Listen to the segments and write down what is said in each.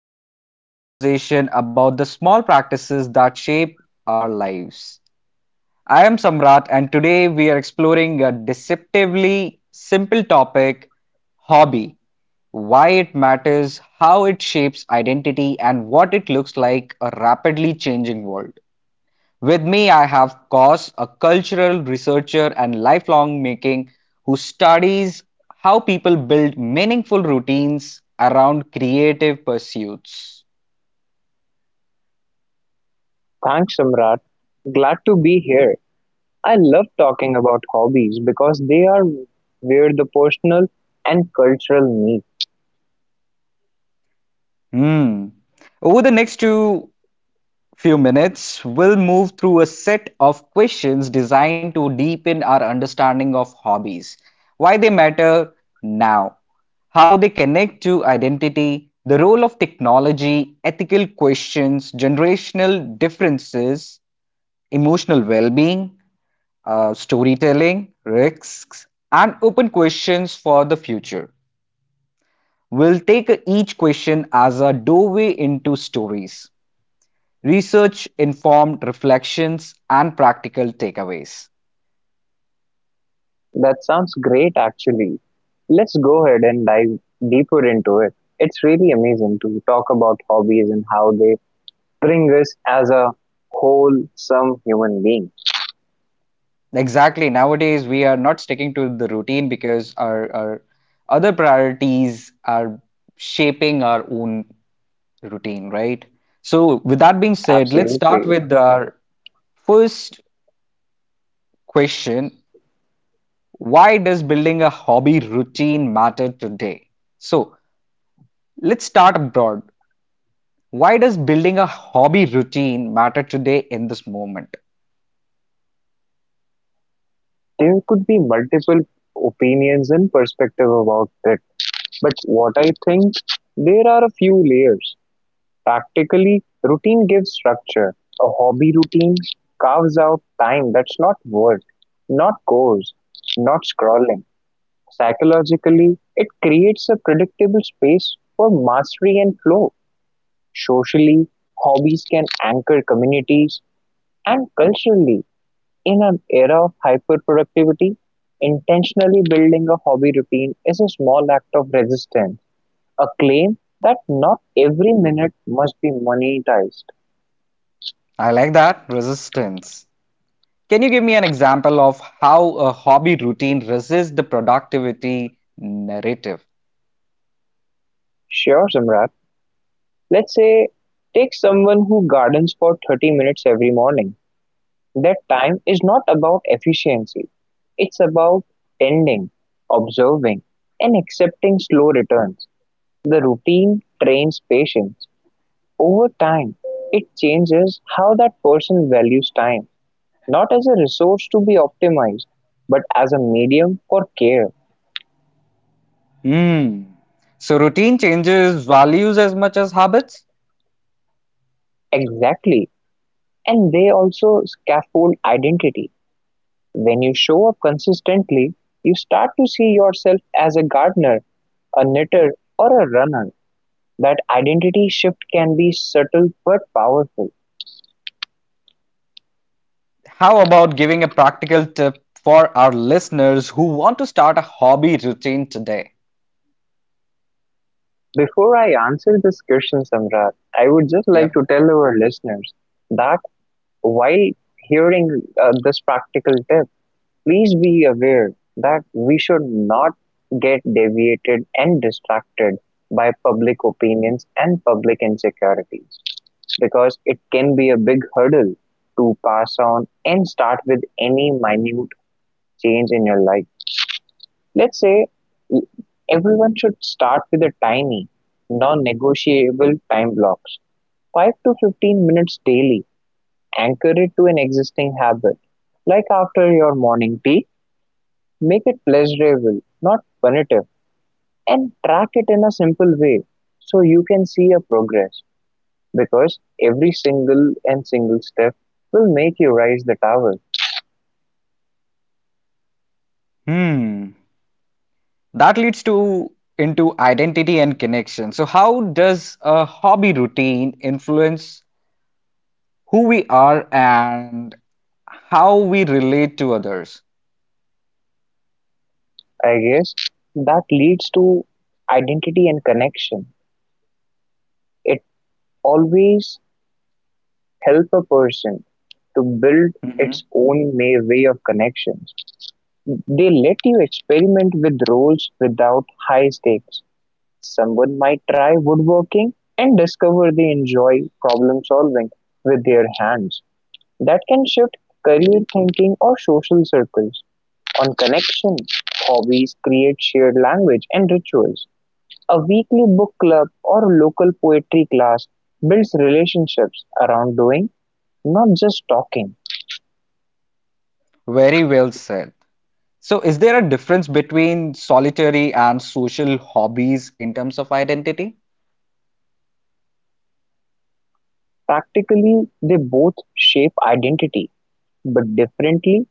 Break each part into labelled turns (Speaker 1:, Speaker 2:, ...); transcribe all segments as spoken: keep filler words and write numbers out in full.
Speaker 1: deep dive conversation about the small practices that shape our lives. I am Samrat, and today we are exploring a deceptively simple topic: hobby, why it matters, how it shapes identity, and what it looks like a rapidly changing world. With me, I have Kos, a cultural researcher and lifelong making who studies how people build meaningful routines around creative pursuits.
Speaker 2: Thanks, Samrat. Glad to be here. I love talking about hobbies because they are where the personal and cultural meet.
Speaker 1: Hmm. Over the next two few minutes, we'll move through a set of questions designed to deepen our understanding of hobbies, why they matter now, how they connect to identity, the role of technology, ethical questions, generational differences, emotional well being, uh, storytelling, risks, and open questions for the future. We'll take each question as a doorway into stories, research informed reflections, and practical takeaways.
Speaker 2: That sounds great, actually. Let's go ahead and dive deeper into it. It's really amazing to talk about hobbies and how they bring us as a wholesome human being.
Speaker 1: Exactly. Nowadays, we are not sticking to the routine because our, our other priorities are shaping our own routine, right? So, with that being said, let's start
Speaker 2: Absolutely.
Speaker 1: with our first question. Why does building a hobby routine matter today? So let's start abroad. Why does building a hobby routine matter today in this moment?
Speaker 2: There could be multiple opinions and perspective about it, but what I think, there are a few layers. Practically, routine gives structure; a hobby routine carves out time that's not work, not chores, not scrolling. Psychologically, it creates a predictable space for mastery and flow. Socially, hobbies can anchor communities, and culturally, in an era of hyperproductivity, intentionally building a hobby routine is a small act of resistance, a claim that not every minute must be monetized.
Speaker 1: I like that resistance. Can you give me an example of how a hobby routine resists the productivity narrative?
Speaker 2: Sure, Samrat. Let's say take someone who gardens for thirty minutes every morning. That time is not about efficiency, it's about tending, observing, and accepting slow returns. The routine trains patience. Over time, it changes how that person values time, not as a resource to be optimized, but as a medium for care.
Speaker 1: Hmm. So routine changes values as much as habits.
Speaker 2: Exactly. And they also scaffold identity. When you show up consistently, you start to see yourself as a gardener, a knitter, or a runner. That identity shift can be subtle but powerful.
Speaker 1: How about giving a practical tip for our listeners who want to start a hobby routine today?
Speaker 2: Before I answer this question, Samrat, I would just like
Speaker 1: Yeah.
Speaker 2: to tell our listeners that while hearing uh, this practical tip, please be aware that we should not get deviated and distracted by public opinions and public insecurities because it can be a big hurdle to pass on and start with any minute change in your life. Let's say everyone should start with a tiny, non negotiable time blocks five to fifteen minutes daily. Anchor it to an existing habit, like after your morning tea. Make it pleasurable, not punitive, and track it in a simple way so you can see a progress because every single and single step will make you rise the tower.
Speaker 1: Hmm. That leads to into identity and connection. So how does a hobby routine influence who we are and how we relate to others?
Speaker 2: I guess that leads to identity and connection. It always help a person to build
Speaker 1: Mhm.
Speaker 2: its own ma- way of connections. They let you experiment with roles without high stakes. Someone might try woodworking and discover they enjoy problem solving with their hands. That can shift career thinking or social circles. On connection, hobbies create shared language and rituals. A weekly book club or local poetry class builds relationships around doing, not just talking.
Speaker 1: Very well said. So is there a difference between solitary and social hobbies in terms of identity?
Speaker 2: Practically, they both shape identity, but differently.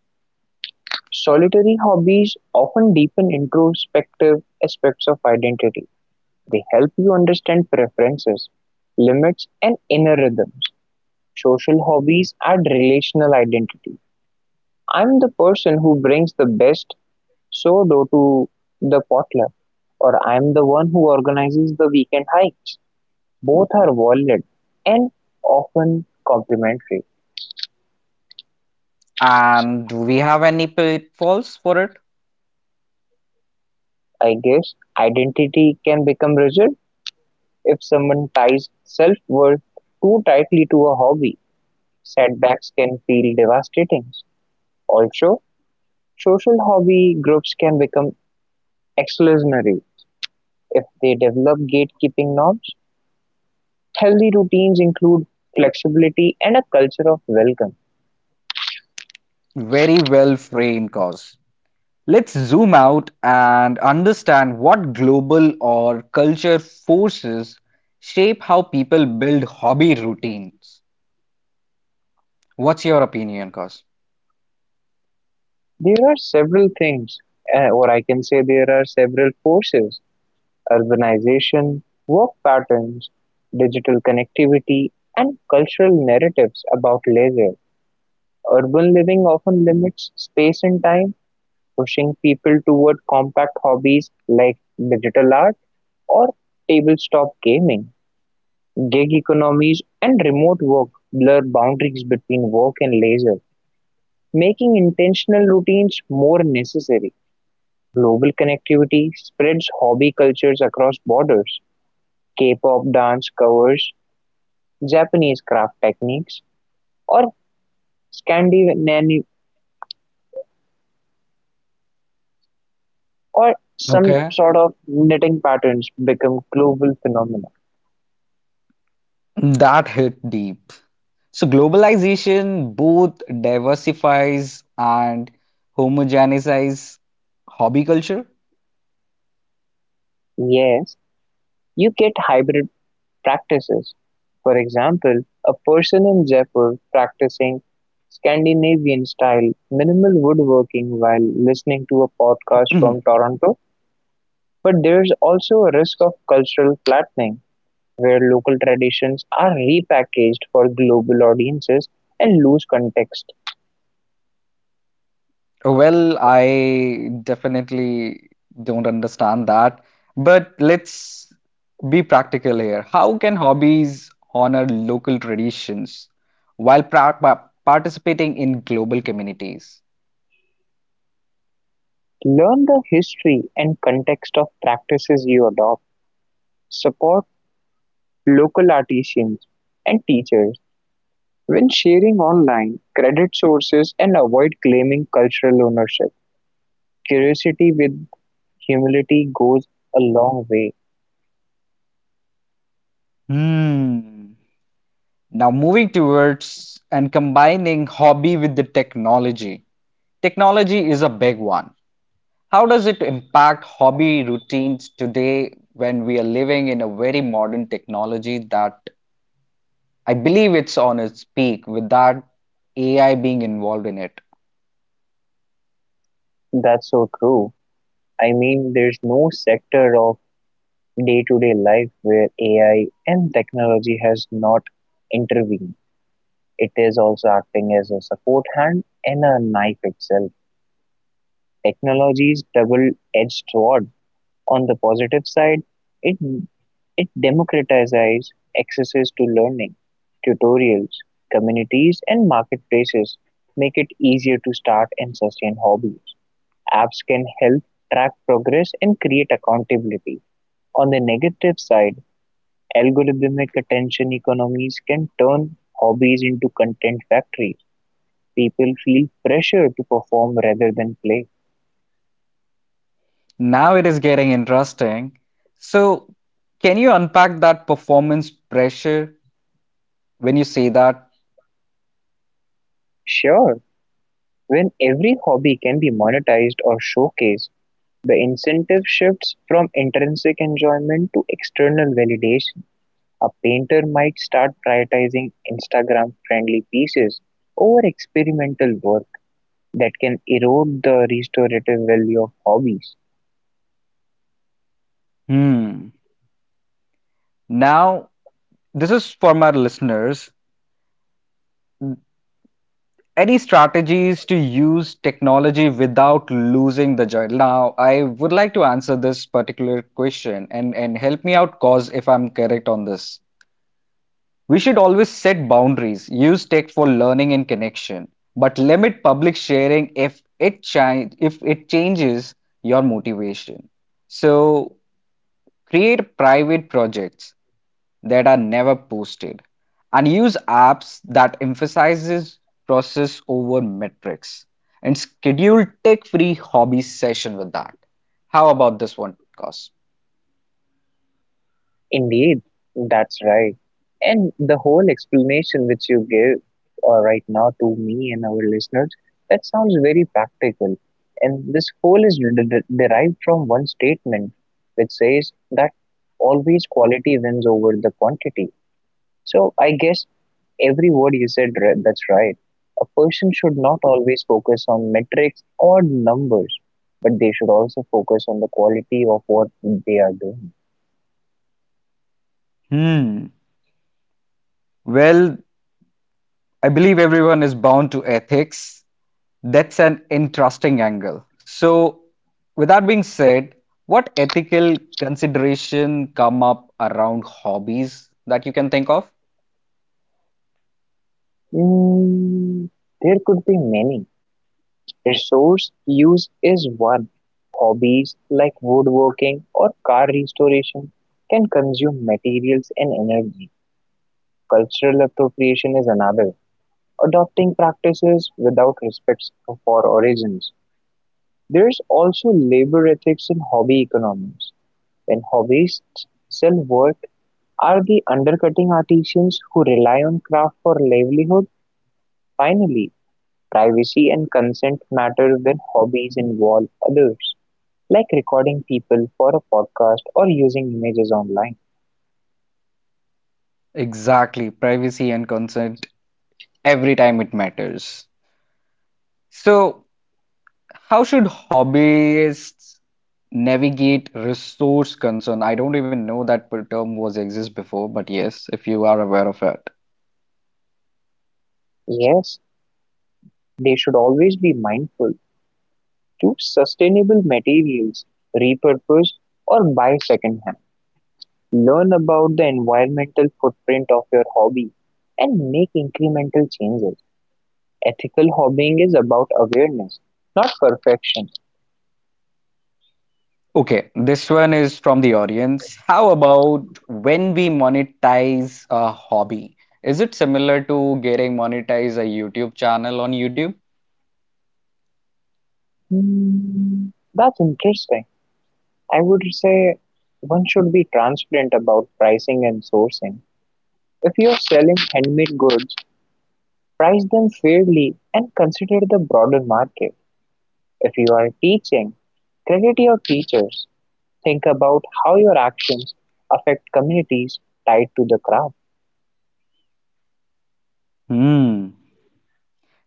Speaker 2: Solitary hobbies often deepen introspective aspects of identity; they help you understand preferences, limits, and inner rhythms. Social hobbies add relational identity. I'm the person who brings the best sourdough to the potluck, or I'm the one who organizes the weekend hikes. Both are valid and often complementary.
Speaker 1: And do we have any pitfalls for it?
Speaker 2: I guess identity can become rigid. If someone ties self-worth too tightly to a hobby, setbacks can feel devastating. Also, social hobby groups can become exclusionary if they develop gatekeeping norms. Healthy routines include flexibility and a culture of welcome.
Speaker 1: Very well framed cause. Let's zoom out and understand what global or culture forces shape how people build hobby routines. What's your opinion, Cos?
Speaker 2: There are several things, uh, or I can say there are several forces: urbanization, work patterns, digital connectivity, and cultural narratives about leisure. Urban living often limits space and time, pushing people toward compact hobbies like digital art or tabletop gaming. Gig economies and remote work blur boundaries between work and leisure, making intentional routines more necessary. Global connectivity spreads hobby cultures across borders. K-pop dance covers, Japanese craft techniques, or Scandinavian or some
Speaker 1: Okay.
Speaker 2: sort of knitting patterns become global phenomena.
Speaker 1: That hit deep. So globalization both diversifies and homogenizes hobby culture.
Speaker 2: Yes, you get hybrid practices. For example, a person in Jaipur practicing Scandinavian style minimal woodworking while listening to a podcast from Toronto. But there's also a risk of cultural flattening where local traditions are repackaged for global audiences and lose context.
Speaker 1: Well, I definitely don't understand that. But let's be practical here. How can hobbies honor local traditions while pra- pa- participating in global communities?
Speaker 2: Learn the history and context of practices you adopt. Support local artisans and teachers when sharing online, credit sources and avoid claiming cultural ownership. Curiosity with humility goes a long way.
Speaker 1: Hmm. Now, moving towards and combining hobby with the technology. Technology is a big one. How does it impact hobby routines today when we are living in a very modern technology that I believe it's on its peak without A I being involved in it?
Speaker 2: That's so true. I mean, there's no sector of day to day life where A I and technology has not intervened. It is also acting as a support hand and a knife itself. Technology's double edged sword. On the positive side, it it democratizes access to learning. Tutorials, communities, and marketplaces make it easier to start and sustain hobbies. Apps can help track progress and create accountability. On the negative side, algorithmic attention economies can turn hobbies into content factories. People feel pressure to perform rather than play.
Speaker 1: Now it is getting interesting. So, can you unpack that performance pressure when you say that?
Speaker 2: Sure, when every hobby can be monetized or showcased, the incentive shifts from intrinsic enjoyment to external validation; a painter might start prioritizing Instagram-friendly pieces over experimental work that can erode the restorative value of hobbies.
Speaker 1: Hmm. Now, this is for my listeners. Any strategies to use technology without losing the joy? Now, I would like to answer this particular question, and, and help me out, cause if I'm correct on this. We should always set boundaries, use tech for learning and connection, but limit public sharing if it chi- if it changes your motivation. So create private projects that are never posted, and use apps that emphasizes process over metrics and schedule tech-free hobby session with that. How about this one, Cos?
Speaker 2: Indeed, that's right. And the whole explanation which you gave uh, right now to me and our listeners, that sounds very practical. And this whole is de- de- derived from one statement which says that always quality wins over the quantity. So I guess every word you said, ri- that's right. A person should not always focus on metrics or numbers, but they should also focus on the quality of what they are doing.
Speaker 1: Hmm. Well, I believe everyone is bound to ethics. That's an interesting angle. So, with that being said, what ethical consideration come up around hobbies that you can think of?
Speaker 2: Mm, there could be many. Resource use is one. Hobbies like woodworking or car restoration can consume materials and energy. Cultural appropriation is another. Adopting practices without respect for origins. There's also labor ethics in hobby economies. When hobbyists sell work, are they undercutting artisans who rely on craft for livelihood? Finally, privacy and consent matter when hobbies involve others, like recording people for a podcast or using images online.
Speaker 1: Exactly, privacy and consent every time it matters. So, how should hobbyists navigate resource concern? I don't even know that per- term was exist before, but yes, if you are aware of it.
Speaker 2: Yes, they should always be mindful. Choose sustainable materials, repurpose or buy secondhand. Learn about the environmental footprint of your hobby and make incremental changes. Ethical hobbying is about awareness, not perfection.
Speaker 1: Okay, this one is from the audience. How about when we monetize a hobby? Is it similar to getting monetized a YouTube channel on YouTube?
Speaker 2: Hmm, that's interesting. I would say one should be transparent about pricing and sourcing. If you're selling handmade goods, price them fairly and consider the broader market. If you are teaching, credit your teachers. Think about how your actions affect communities tied to the craft.
Speaker 1: Hmm.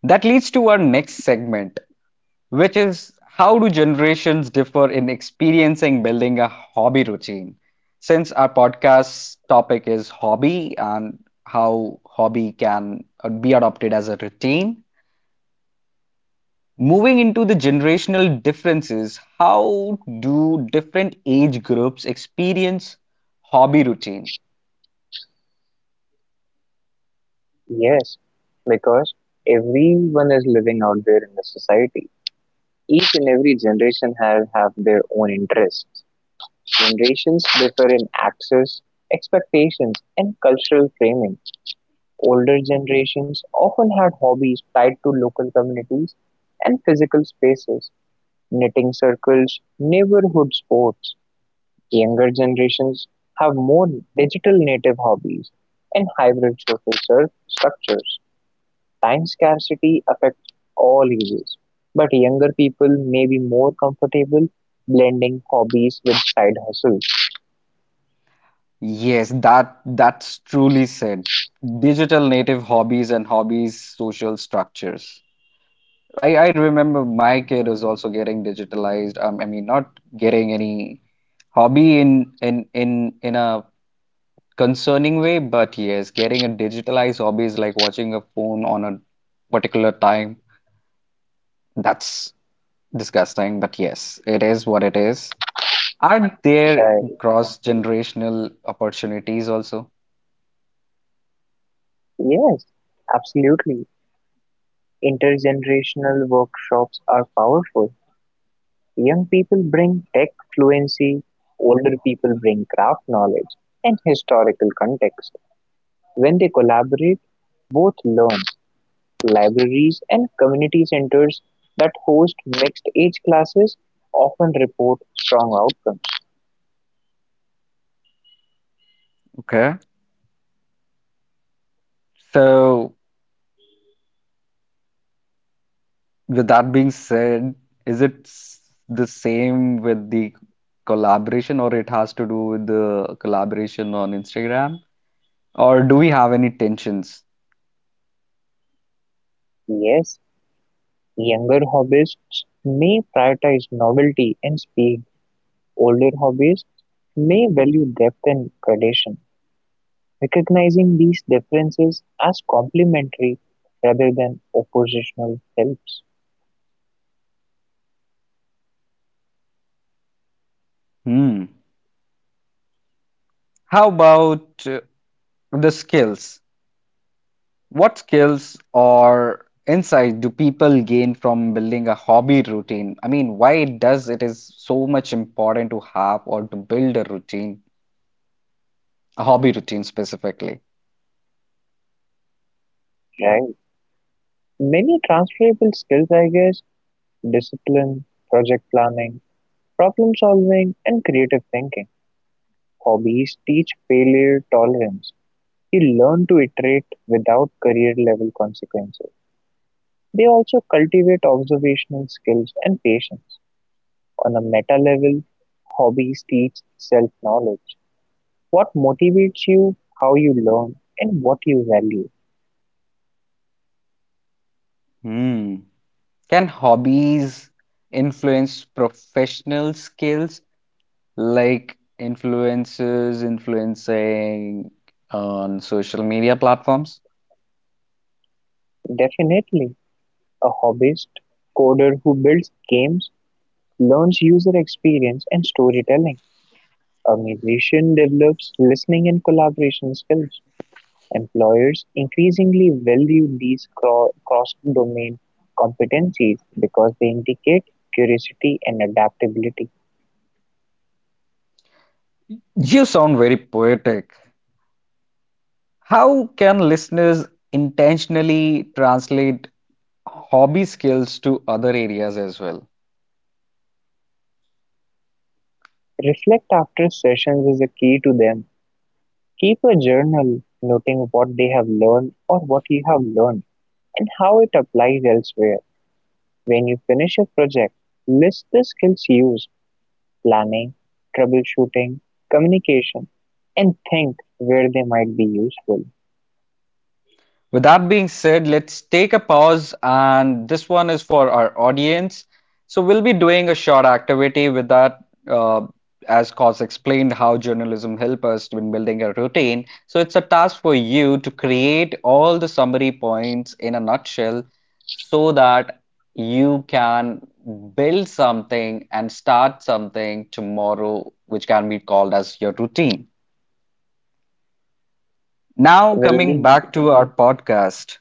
Speaker 1: That leads to our next segment, which is how do generations differ in experiencing building a hobby routine? Since our podcast topic is hobby and how hobby can uh, be adopted as a routine, moving into the generational differences, how do different age groups experience hobby routine?
Speaker 2: Yes, because everyone is living out there in the society. Each and every generation have, have their own interests. Generations differ in access, expectations, and cultural framing; older generations often had hobbies tied to local communities and physical spaces, knitting circles, neighborhood sports. Younger generations have more digital native hobbies and hybrid social cir- structures. Time scarcity affects all ages, but younger people may be more comfortable blending hobbies with side hustles.
Speaker 1: Yes, that that's truly said. Digital native hobbies and hobbies social structures. I, I remember my kid is also getting digitalized. Um, I mean, not getting any hobby in in in in a concerning way, but yes, getting a digitalized hobby is like watching a phone on a particular time. That's disgusting, but yes, it is what it is. Are there
Speaker 2: Right.
Speaker 1: cross-generational opportunities also?
Speaker 2: Yes, absolutely. Intergenerational workshops are powerful. Young people bring tech fluency, older people bring craft knowledge and historical context. When they collaborate, both learn. Libraries and community centers that host mixed age classes often report strong outcomes.
Speaker 1: Okay. So, with that being said, is it s- the same with the collaboration, or it has to do with the collaboration on Instagram? Or do we have any tensions?
Speaker 2: Yes, younger hobbyists may prioritize novelty and speed, older hobbyists may value depth and tradition. Recognizing these differences as complementary rather than oppositional helps.
Speaker 1: Hmm. How about uh, the skills? What skills or insight do people gain from building a hobby routine? I mean, why it does it is so much important to have or to build a routine, a hobby routine specifically.
Speaker 2: Right. Many transferable skills, I guess: discipline, project planning, problem solving, and creative thinking. Hobbies teach failure tolerance. You learn to iterate without career level consequences. They also cultivate observational skills and patience. On a meta level, hobbies teach self knowledge. What motivates you, how you learn, and what you value.
Speaker 1: Hmm. Can hobbies influence professional skills like influencers influencing on social media platforms?
Speaker 2: Definitely, a hobbyist coder who builds games learns user experience and storytelling. A musician develops listening and collaboration skills. Employers increasingly value these cro- cross-domain competencies because they indicate curiosity and adaptability.
Speaker 1: You sound very poetic. How can listeners intentionally translate hobby skills to other areas as well?
Speaker 2: Reflect after sessions is a key to them. Keep a journal noting what they have learned or what you have learned, and how it applies elsewhere. When you finish a project, list the skills used: planning, troubleshooting, communication, and think where they might be useful.
Speaker 1: With that being said, let's take a pause, and this one is for our audience. So, we'll be doing a short activity with that. Uh, as Cos explained, how journalism help us in building a routine. So, it's a task for you to create all the summary points in a nutshell so that you can build something and start something tomorrow, which can be called as your routine. Now,
Speaker 2: Well,
Speaker 1: coming back to our podcast.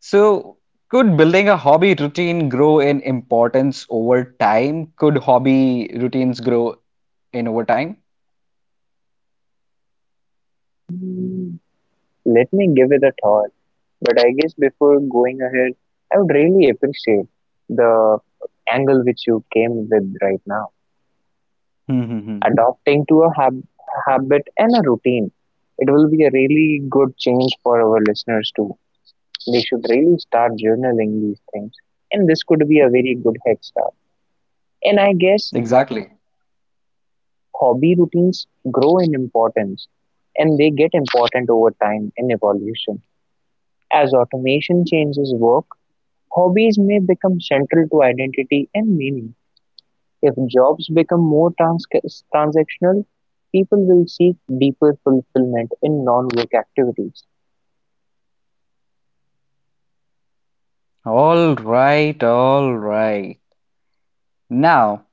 Speaker 1: So, could building a hobby routine grow in importance over time? Could hobby routines grow in over time?
Speaker 2: the- let me give it a thought. But I guess before going ahead, I would really appreciate the angle which you came with right now.
Speaker 1: Hmm, hmm, hmm.
Speaker 2: Adopting to a hab- habit and a routine. It will be a really good change for our listeners too. They should really start journaling these things, and this could be a very good head start. And I guess
Speaker 1: Exactly.
Speaker 2: hobby routines grow in importance and they get important over time in evolution. As automation changes work, hobbies may become central to identity and meaning. If jobs become more trans- transactional, people will seek deeper fulfillment in non work activities.
Speaker 1: All right, all right. Now,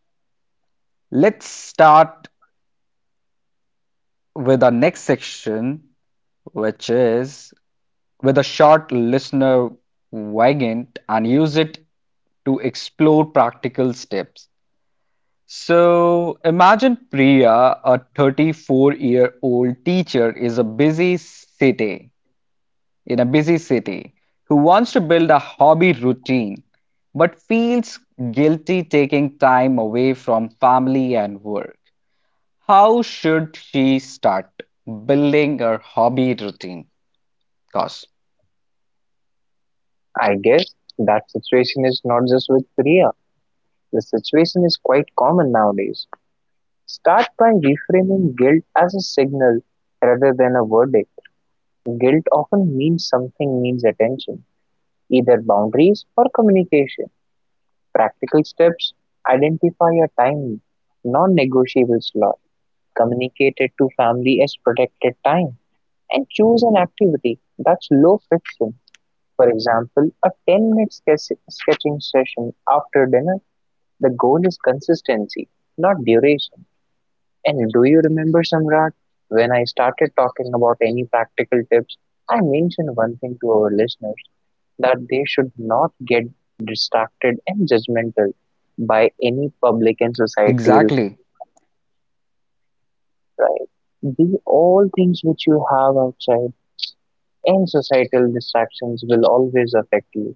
Speaker 1: let's start with our next section, which is with a short listener wagon and use it to explore practical steps. So imagine Priya, a thirty-four-year-old teacher, is a busy city in a busy city who wants to build a hobby routine but feels guilty taking time away from family and work. How should she start building her hobby routine? Cause
Speaker 2: I guess that situation is not just with Priya, the situation is quite common nowadays. Start by reframing guilt as a signal rather than a verdict. Guilt often means something needs attention, either boundaries or communication. Practical steps: identify a time, non negotiable slot, communicate it to family as protected time, and choose an activity that's low friction. For example, a ten minute sketch- sketching session after dinner. The goal is consistency, not duration. And do you remember, Samrat, when I started talking about any practical tips, I mentioned one thing to our listeners that they should not get distracted and judgmental by any public and societal
Speaker 1: exactly.
Speaker 2: pride. The all things which you have outside and societal distractions will always affect you.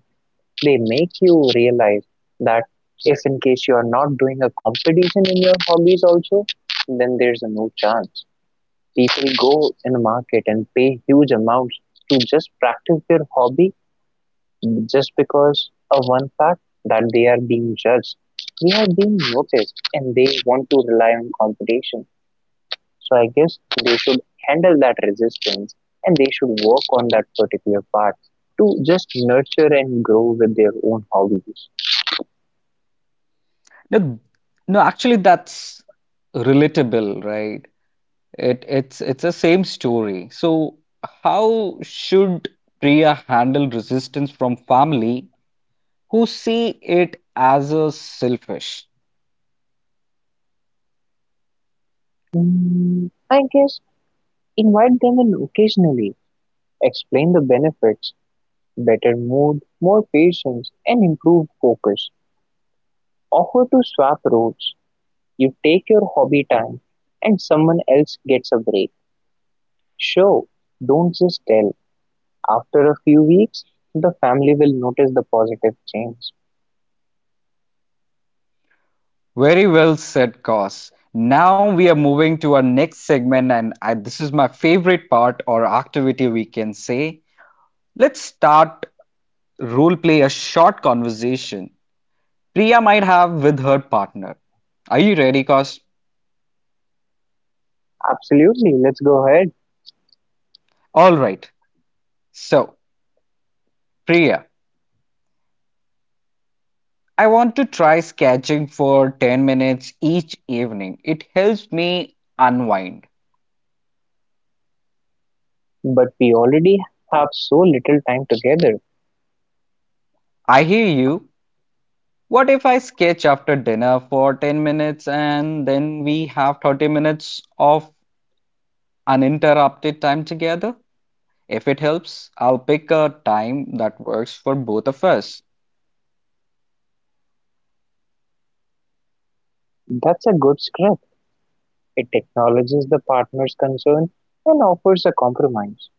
Speaker 2: They make you realize that if in case you are not doing a competition in your hobbies also, then there's a no chance. People go in a market and pay huge amounts to just practice their hobby just because of one fact that they are being judged. We are being noticed and they want to rely on competition. So I guess they should handle that resistance and they should work on that particular part to just nurture and grow with their own hobbies.
Speaker 1: No, no, actually that's relatable, right? It it's it's the same story. So how should Priya handle resistance from family who see it as a selfish?
Speaker 2: Mm, I guess invite them in occasionally, explain the benefits, better mood, more patience, and improved focus. Offer to swap roles. You take your hobby time and someone else gets a break. Show, don't just tell. After a few weeks, the family will notice the positive change.
Speaker 1: Very well said, Cos. Now we are moving to our next segment, and I, this is my favorite part or activity we can say. Let's start role play a short conversation Priya might have with her partner. Are you ready, Cos?
Speaker 2: Absolutely, let's go ahead.
Speaker 1: All right. So, Priya, I want to try sketching for ten minutes each evening. It helps me unwind.
Speaker 2: But we already have so little time together.
Speaker 1: I hear you. What if I sketch after dinner for ten minutes and then we have thirty minutes of uninterrupted time together? If it helps, I'll pick a time that works for both of us.
Speaker 2: That's a good script. It acknowledges the partner's concern and offers a compromise.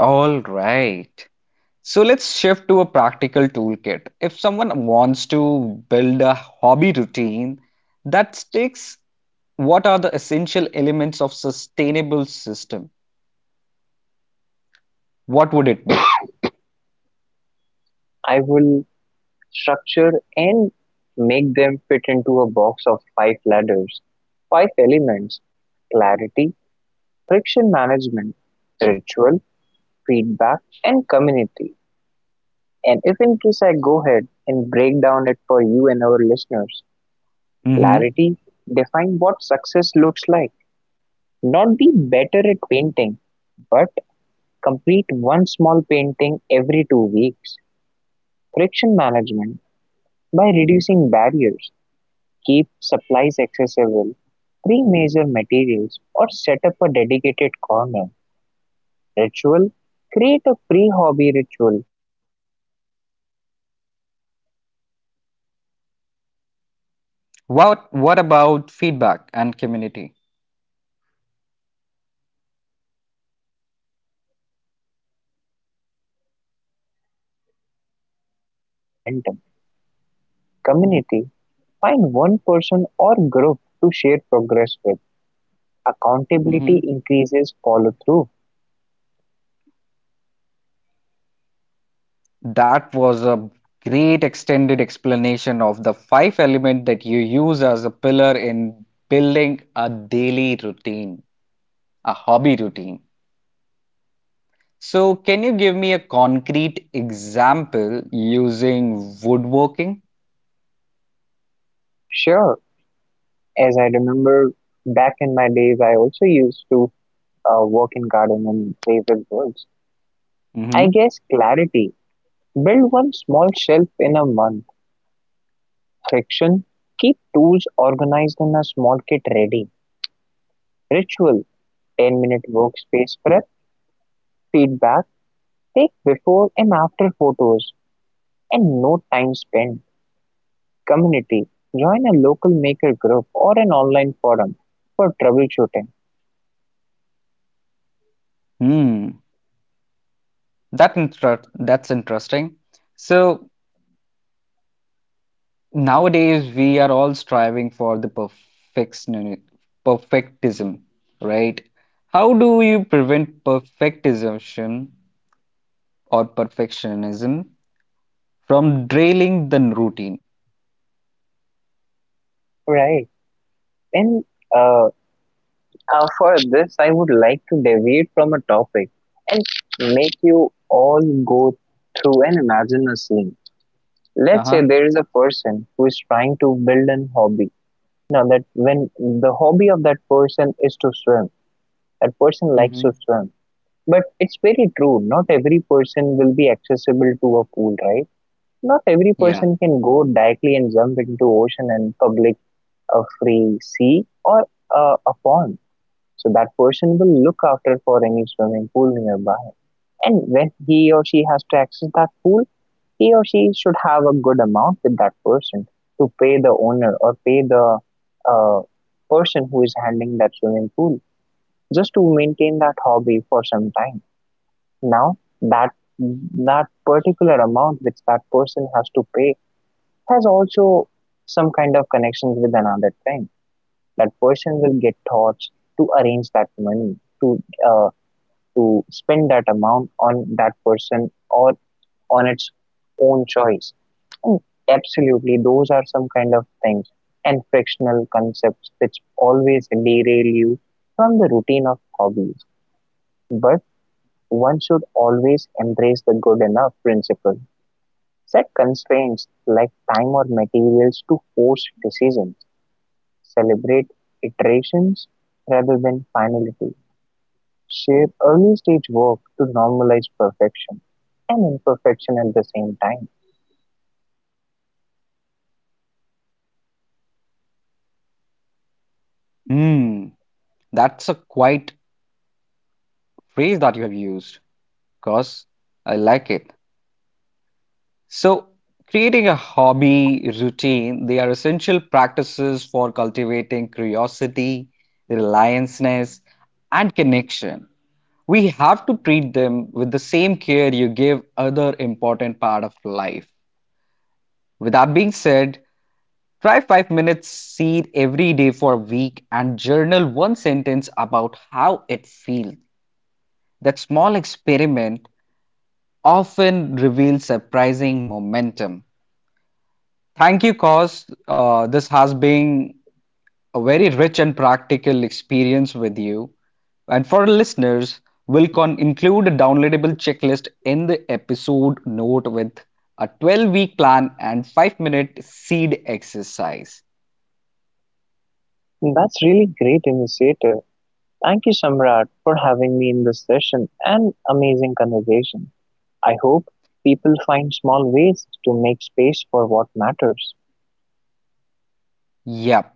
Speaker 1: All right. So let's shift to a practical toolkit. If someone wants to build a hobby routine that sticks, what are the essential elements of sustainable system? What would it be?
Speaker 2: I will structure and make them fit into a box of five ladders. Five elements: clarity, friction management, ritual, feedback, and community. And if in case I go ahead and break down it for you and our listeners,
Speaker 1: Hmm.
Speaker 2: clarity: define what success looks like. Not be better at painting, but complete one small painting every two weeks. Friction management: by reducing barriers, keep supplies accessible, pre-measure materials, or set up a dedicated corner. Ritual: create a pre hobby ritual to signal transition. Make tea, light a candle, or play a short playlist.
Speaker 1: What what about
Speaker 2: Rituals
Speaker 1: feedback and
Speaker 2: prime the
Speaker 1: community?
Speaker 2: brain. Feedback: track progress in a simple way. A calendar checkmark or a photo log helps maintain momentum. Community: find one person or group to share progress with.
Speaker 1: Hmm,
Speaker 2: Accountability increases follow-through.
Speaker 1: that was a great extended explanation of the five element that you use as a pillar in building a daily routine, a hobby routine. So can you give me a concrete example using woodworking?
Speaker 2: Sure, as I remember back in my days, I also used to uh, work in garden and play with birds.
Speaker 1: Mm-hmm.
Speaker 2: I guess clarity. Build one small shelf in a month. Friction. Keep tools organized in a small kit ready. Ritual. ten minute workspace prep. Feedback. Take before and after photos and no time spent. Community. Join a local maker group or an online forum for troubleshooting.
Speaker 1: Hmm. That inter- that's interesting. So nowadays, we are all striving for the perfection, perfectism, right? How do you prevent perfectism or perfectionism from derailing the routine?
Speaker 2: Right. And uh, uh, for this, I would like to deviate from a topic and make you all go through and imagine a scene. Let's
Speaker 1: Uh-huh.
Speaker 2: say there is a person who is trying to build an hobby. Now, that when the hobby of that person is to swim, that person likes to
Speaker 1: Mm-hmm.
Speaker 2: swim. But it's very true, not every person will be accessible to a pool, right? Not every
Speaker 1: Yeah.
Speaker 2: person can go directly and jump into ocean and public a free sea or uh, a pond. So that person will look after for any swimming pool nearby. And when he or she has to access that pool, he or she should have a good amount with that person to pay the owner or pay the uh, person who is handling that swimming pool just to maintain that hobby for some time. Now that that particular amount which that person has to pay has also some kind of connections with another thing. That person will get thoughts to arrange that money to uh, to spend that amount on that person or on its own choice. And absolutely, those are some kind of things and frictional concepts which always derail you from the routine of hobbies. But one should always embrace the good enough principle. Set constraints like time or materials to force decisions. Celebrate iterations rather than finality. Shape early-stage work to normalize perfection and imperfection at the same time.
Speaker 1: Hmm. That's a quite phrase that you have used, cause. I like it. So, creating a hobby routine, they are essential practices for cultivating curiosity, relianceness, and connection. We have to treat them with the same care you give other important part of life. With that being said, try five minutes seed every day for a week and journal one sentence about how it feels. That small experiment often reveals surprising momentum. Thank you, Cos. Uh, this has been a very rich and practical experience with you. And for our listeners, we'll con- include a downloadable checklist in the episode note with a twelve week plan and five minute seed exercise.
Speaker 2: That's really great initiative. Thank you, Samrat, for having me in this session and amazing conversation. I hope people find small ways to make space for what matters.
Speaker 1: Yep.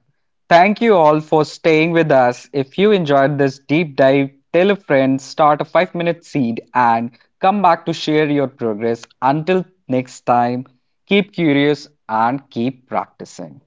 Speaker 1: Thank you all for staying with us. If you enjoyed this deep dive, tell a friend, start a five minute seed, and come back to share your progress. Until next time, keep curious and keep practicing.